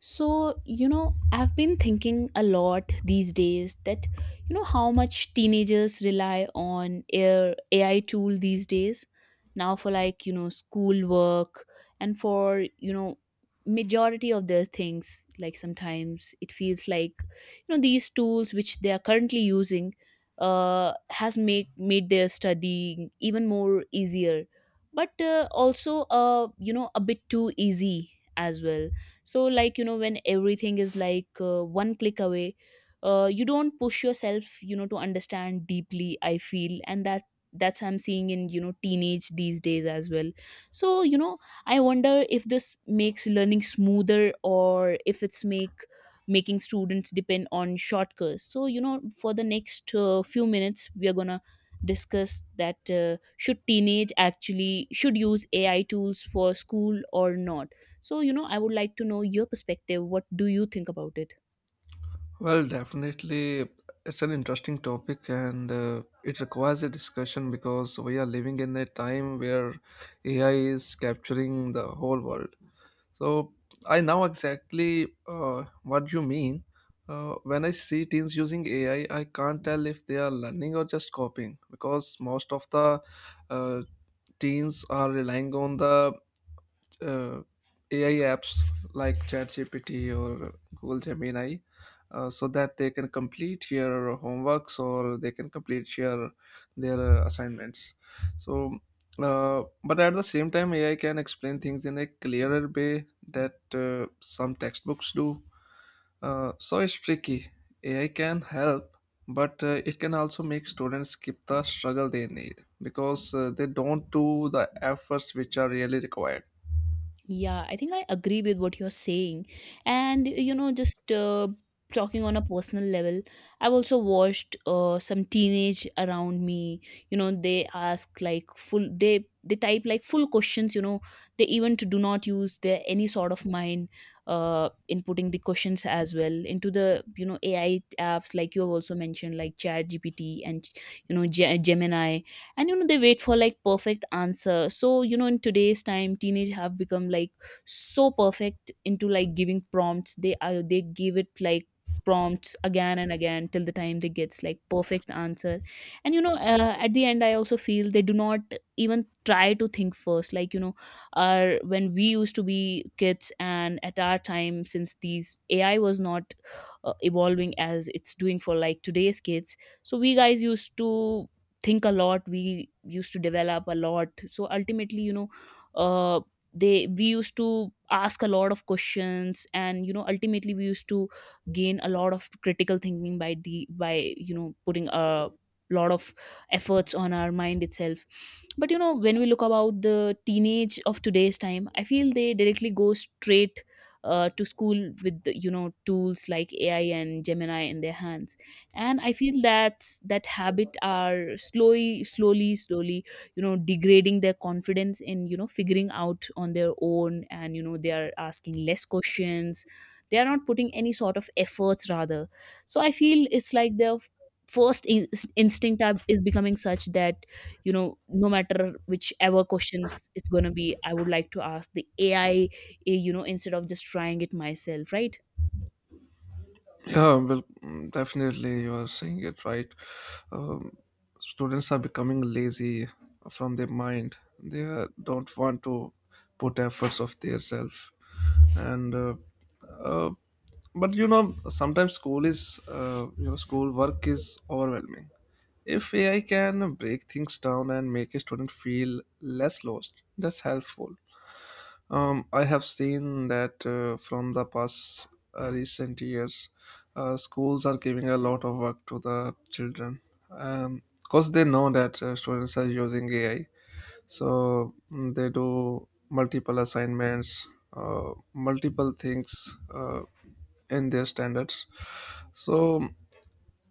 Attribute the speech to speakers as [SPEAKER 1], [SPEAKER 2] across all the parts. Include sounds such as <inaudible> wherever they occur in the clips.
[SPEAKER 1] I've been thinking a lot these days that, how much teenagers rely on air AI tool these days now for schoolwork and for majority of their things. Like sometimes it feels like these tools which they are currently using has make made their studying even more easier, but a bit too easy as well. So when everything is one click away, you don't push yourself to understand deeply, I feel, and that's I'm seeing in teenage these days as well. So I wonder if this makes learning smoother or if it's make making students depend on shortcuts. So for the next few minutes we are gonna discuss that, should teenage actually should use AI tools for school or not? So, I would like to know your perspective. What do you think about it?
[SPEAKER 2] Well, definitely, it's an interesting topic and it requires a discussion because we are living in a time where AI is capturing the whole world. So, I know exactly what you mean. When I see teens using AI, I can't tell if they are learning or just copying because most of the uh, teens are relying on the uh, AI apps like ChatGPT or Google Gemini, so that they can complete your homeworks or they can complete your their assignments. So, but at the same time, AI can explain things in a clearer way that some textbooks do. So it's tricky. AI can help, but it can also make students skip the struggle they need because they don't do the efforts which are really required.
[SPEAKER 1] Yeah, I think I agree with what you're saying. And, you know, just talking on a personal level, I've also watched some teenage around me. They ask like full, they type like full questions. They even to do not use their any sort of mind in putting the questions as well into the AI apps like you have also mentioned like Chat GPT and Gemini. And they wait for like perfect answer. So in today's time teenage have become like so perfect into like giving prompts. They are they give it like prompts again and again till the time they gets like perfect answer. And at the end I also feel they do not even try to think first, are when we used to be kids, and at our time since these AI was not evolving as it's doing for like today's kids, so we guys used to think a lot. We used to develop a lot, so ultimately you know uh, they we used to ask a lot of questions, and ultimately we used to gain a lot of critical thinking by the by you know putting a lot of efforts on our mind itself. But when we look about the teenage of today's time, I feel they directly go straight to school with the tools like AI and Gemini in their hands. And I feel that that habit are slowly, slowly, slowly degrading their confidence in figuring out on their own. And they are asking less questions, they are not putting any sort of efforts rather. So I feel it's like their first in- instinct is becoming such that no matter whichever questions it's going to be, I would like to ask the AI, instead of just trying it myself, right?
[SPEAKER 2] Yeah, well, definitely, you are saying it right. Um, Students are becoming lazy from their mind. They don't want to put efforts of their self, and uh, but you know sometimes school is you know school work is overwhelming. If AI can break things down and make a student feel less lost, that's helpful. I have seen that from the past recent years, schools are giving a lot of work to the children because they know that students are using AI. So they do multiple assignments, multiple things in their standards. So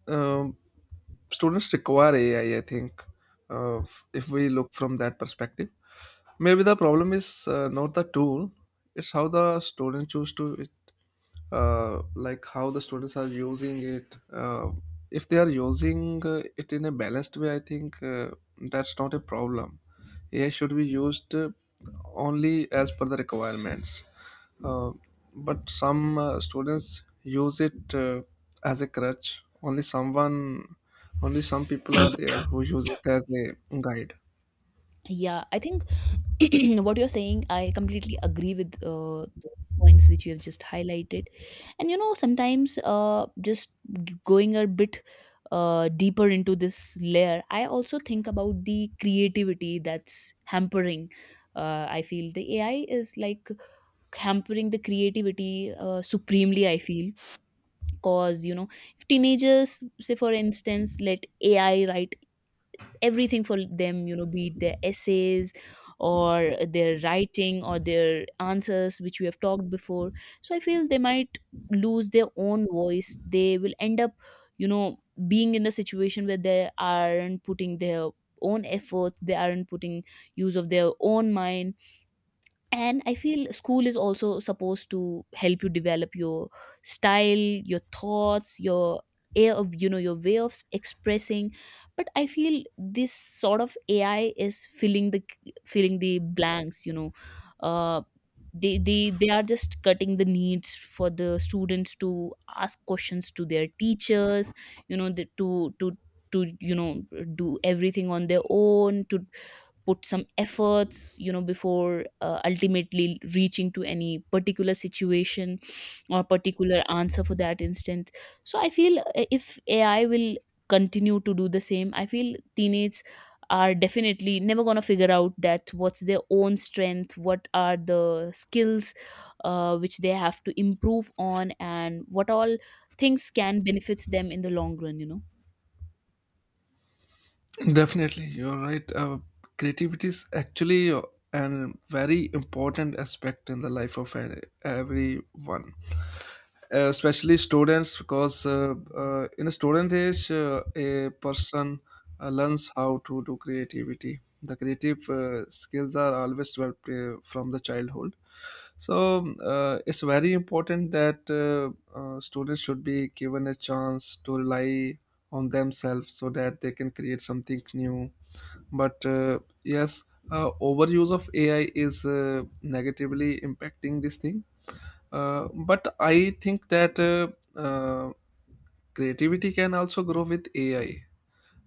[SPEAKER 2] um, students require ai I think, if we look from that perspective, maybe the problem is not the tool, it's how the student choose to it, like how the students are using it. uh, if they are using it in a balanced way, I think that's not a problem. AI should be used only as per the requirements. Uh, but some uh, students use it as a crutch. Only someone only some people are there who use it as a guide.
[SPEAKER 1] Yeah, I think <clears throat> what you're saying I completely agree with, the points which you have just highlighted. And sometimes, going a bit deeper into this layer, I also think about the creativity that's hampering. I feel the AI is like hampering the creativity supremely, I feel, cause if teenagers, say for instance, let AI write everything for them, be it their essays or their writing or their answers, which we have talked before. So I feel they might lose their own voice. They will end up you know being in the situation where they aren't putting their own efforts, they aren't putting use of their own mind. And I feel school is also supposed to help you develop your style, your thoughts, your air of your way of expressing. But I feel this sort of AI is filling the blanks, uh they, they are just cutting the needs for the students to ask questions to their teachers, you know the, to you know do everything on their own, to put some efforts, before ultimately reaching to any particular situation or particular answer for that instance. So I feel, if AI will continue to do the same, I feel teenagers are definitely never going to figure out that what's their own strength, what are the skills which they have to improve on, and what all things can benefits them in the long run,
[SPEAKER 2] Definitely you're right. Creativity is actually a very important aspect in the life of everyone, especially students because in a student age a person learns how to do creativity. The creative skills are always developed from the childhood. It's very important that students should be given a chance to rely on themselves so that they can create something new. But yes, overuse of AI is negatively impacting this thing. But I think that uh, creativity can also grow with AI.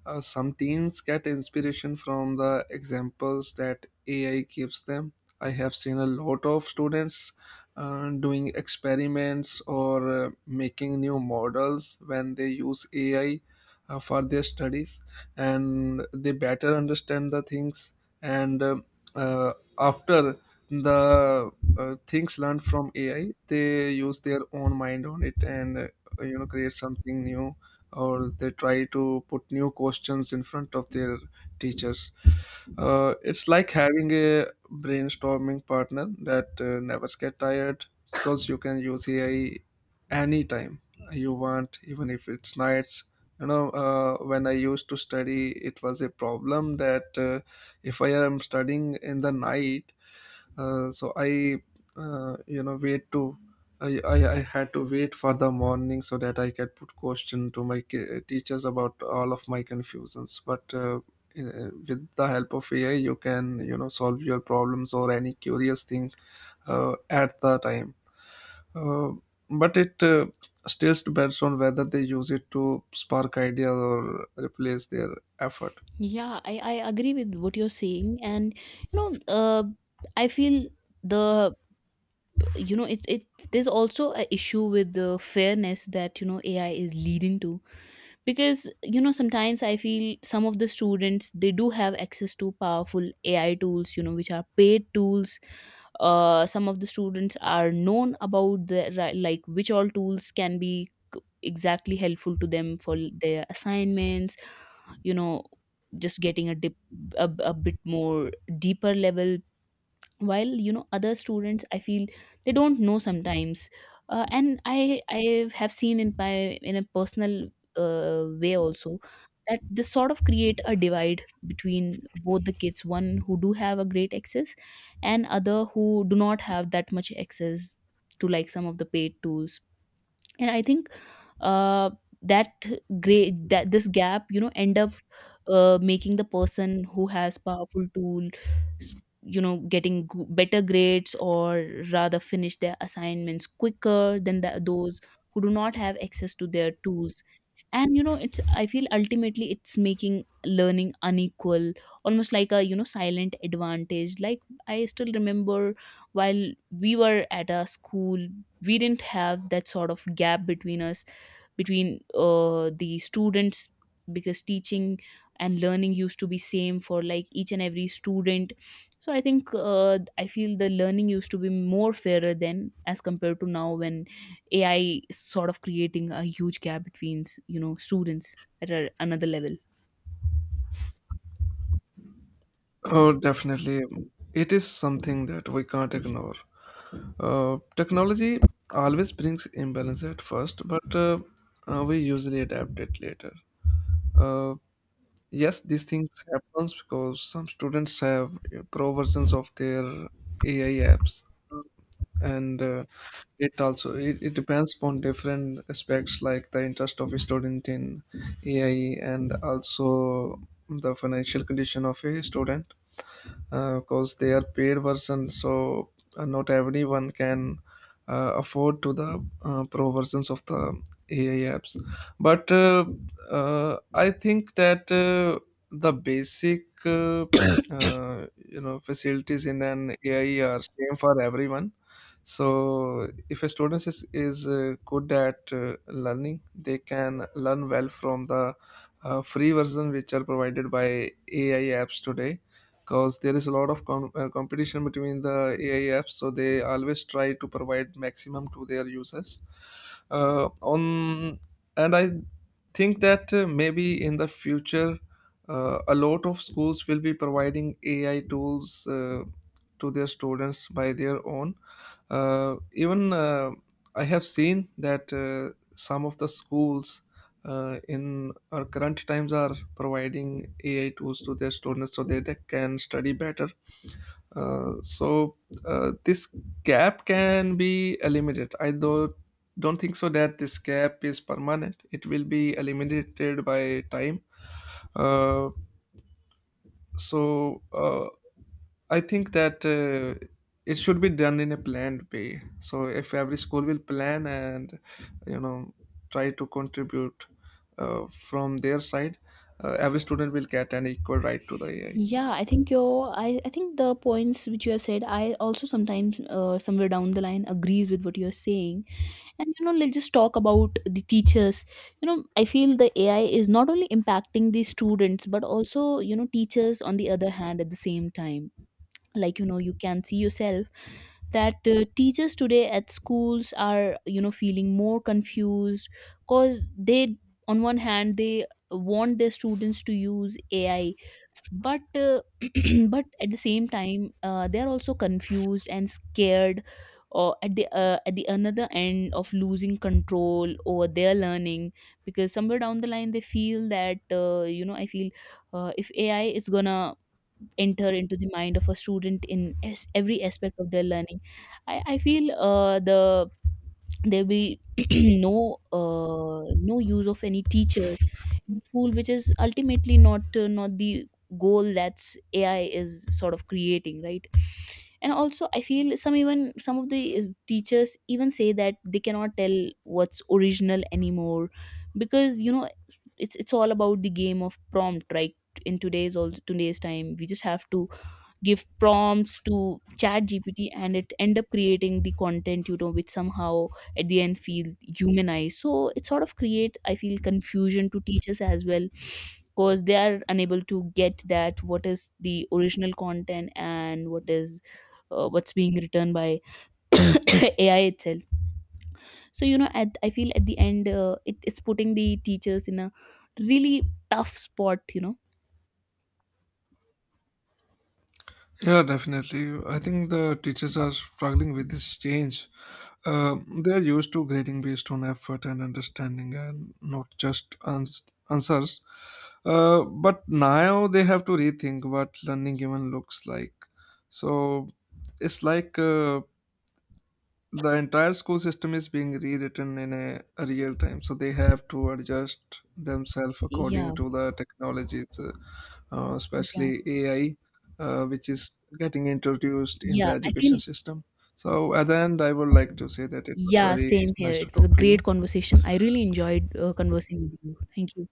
[SPEAKER 2] Some teens get inspiration from the examples that AI gives them. I have seen a lot of students doing experiments or making new models when they use AI for their studies, and they better understand the things. And uh, After the things learned from AI, they use their own mind on it and, you know, create something new, or they try to put new questions in front of their teachers. It's like having a brainstorming partner that never get tired because you can use AI anytime you want, even if it's nights. When I used to study, it was a problem that if I am studying in the night, so I you know wait to I had to wait for the morning so that I could put question to my teachers about all of my confusions. But with the help of AI, you can, you know, solve your problems or any curious thing at the time. Uh, but it still depends on whether they use it to spark ideas or replace their effort.
[SPEAKER 1] Yeah, I agree with what you're saying. And you know, uh, I feel the you know it it there's also a issue with the fairness that AI is leading to, because sometimes I feel some of the students, they do have access to powerful AI tools, which are paid tools. Some of the students are known about like which all tools can be exactly helpful to them for their assignments, you know just getting a dip a bit more deeper level, while other students, I feel they don't know sometimes. And I have seen in my in a personal way also that this sort of create a divide between both the kids, one who do have a great access and other who do not have that much access to like some of the paid tools. And I think uh that that this gap end up making the person who has powerful tool, s- getting better grades, or rather finish their assignments quicker than those who do not have access to their tools. And it's, I feel, ultimately it's making learning unequal, almost like a silent advantage. Like, I still remember while we were at a school we didn't have that sort of gap between us, between the students, because teaching and learning used to be same for like each and every student. So I think I feel the learning used to be more fairer than as compared to now, when AI is sort of creating a huge gap between students at another level.
[SPEAKER 2] Oh, definitely, it is something that we can't ignore. Technology always brings imbalance at first, but we usually adapt it later. Uh, yes, these things happens because some students have pro versions of their AI apps, uh, and it also it depends upon different aspects like the interest of a student in AI and also the financial condition of a student, because they are paid version. So not everyone can afford to the pro versions of the ai apps. But I think that the basic uh, you know facilities in an ai are same for everyone. So if a student is good at learning, they can learn well from the free version which are provided by ai apps today, because there is a lot of competition between the AI apps, so they always try to provide maximum to their users. On and I think that maybe in the future, a lot of schools will be providing AI tools to their students by their own. Even, I have seen that some of the schools in our current times are providing AI tools to their students so that they can study better. So this gap can be eliminated. I do don't think so that this gap is permanent. It will be eliminated by time. Uh, so uh, I think that it should be done in a planned way. So if every school will plan and, you know, try to contribute from their side, every student will get an equal right to the AI.
[SPEAKER 1] Yeah, I think I think the points which you have said, I also sometimes somewhere down the line agrees with what you're saying. And you know, let's just talk about the teachers. You know, I feel the AI is not only impacting the students but also teachers on the other hand at the same time. Like you know, you can see yourself that teachers today at schools are feeling more confused because they, on one hand they want their students to use AI, but <clears throat> but at the same time they are also confused and scared, or at the another end of losing control over their learning, because somewhere down the line they feel that you know I feel if AI is gonna enter into the mind of a student in every aspect of their learning, I feel there be <clears throat> no no use of any teachers in school, which is ultimately not the goal that's AI is sort of creating, right? And also I feel some, even some of the teachers even say that they cannot tell what's original anymore, because it's all about the game of prompt, right? In today's time we just have to give prompts to Chat GPT and it end up creating the content, which somehow at the end feel humanized. So it sort of create, I feel, confusion to teachers as well, because they are unable to get that what is the original content and what is what's being written by <coughs> AI itself. So you know at I feel at the end, it's putting the teachers in a really tough spot, you know
[SPEAKER 2] Yeah, definitely. I think the teachers are struggling with this change. They are used to grading based on effort and understanding and not just answers. But now they have to rethink what learning even looks like. So it's like the entire school system is being rewritten in a real time, so they have to adjust themselves according
[SPEAKER 1] yeah
[SPEAKER 2] to the technologies, especially
[SPEAKER 1] yeah
[SPEAKER 2] AI, which is getting introduced in the
[SPEAKER 1] yeah I
[SPEAKER 2] education
[SPEAKER 1] feel
[SPEAKER 2] system. So at the end I would like to say that it was
[SPEAKER 1] Yeah,
[SPEAKER 2] very
[SPEAKER 1] same here.
[SPEAKER 2] nice to
[SPEAKER 1] It was a
[SPEAKER 2] talk to you.
[SPEAKER 1] great conversation. I really enjoyed
[SPEAKER 2] Thank
[SPEAKER 1] conversing with you. Thank you.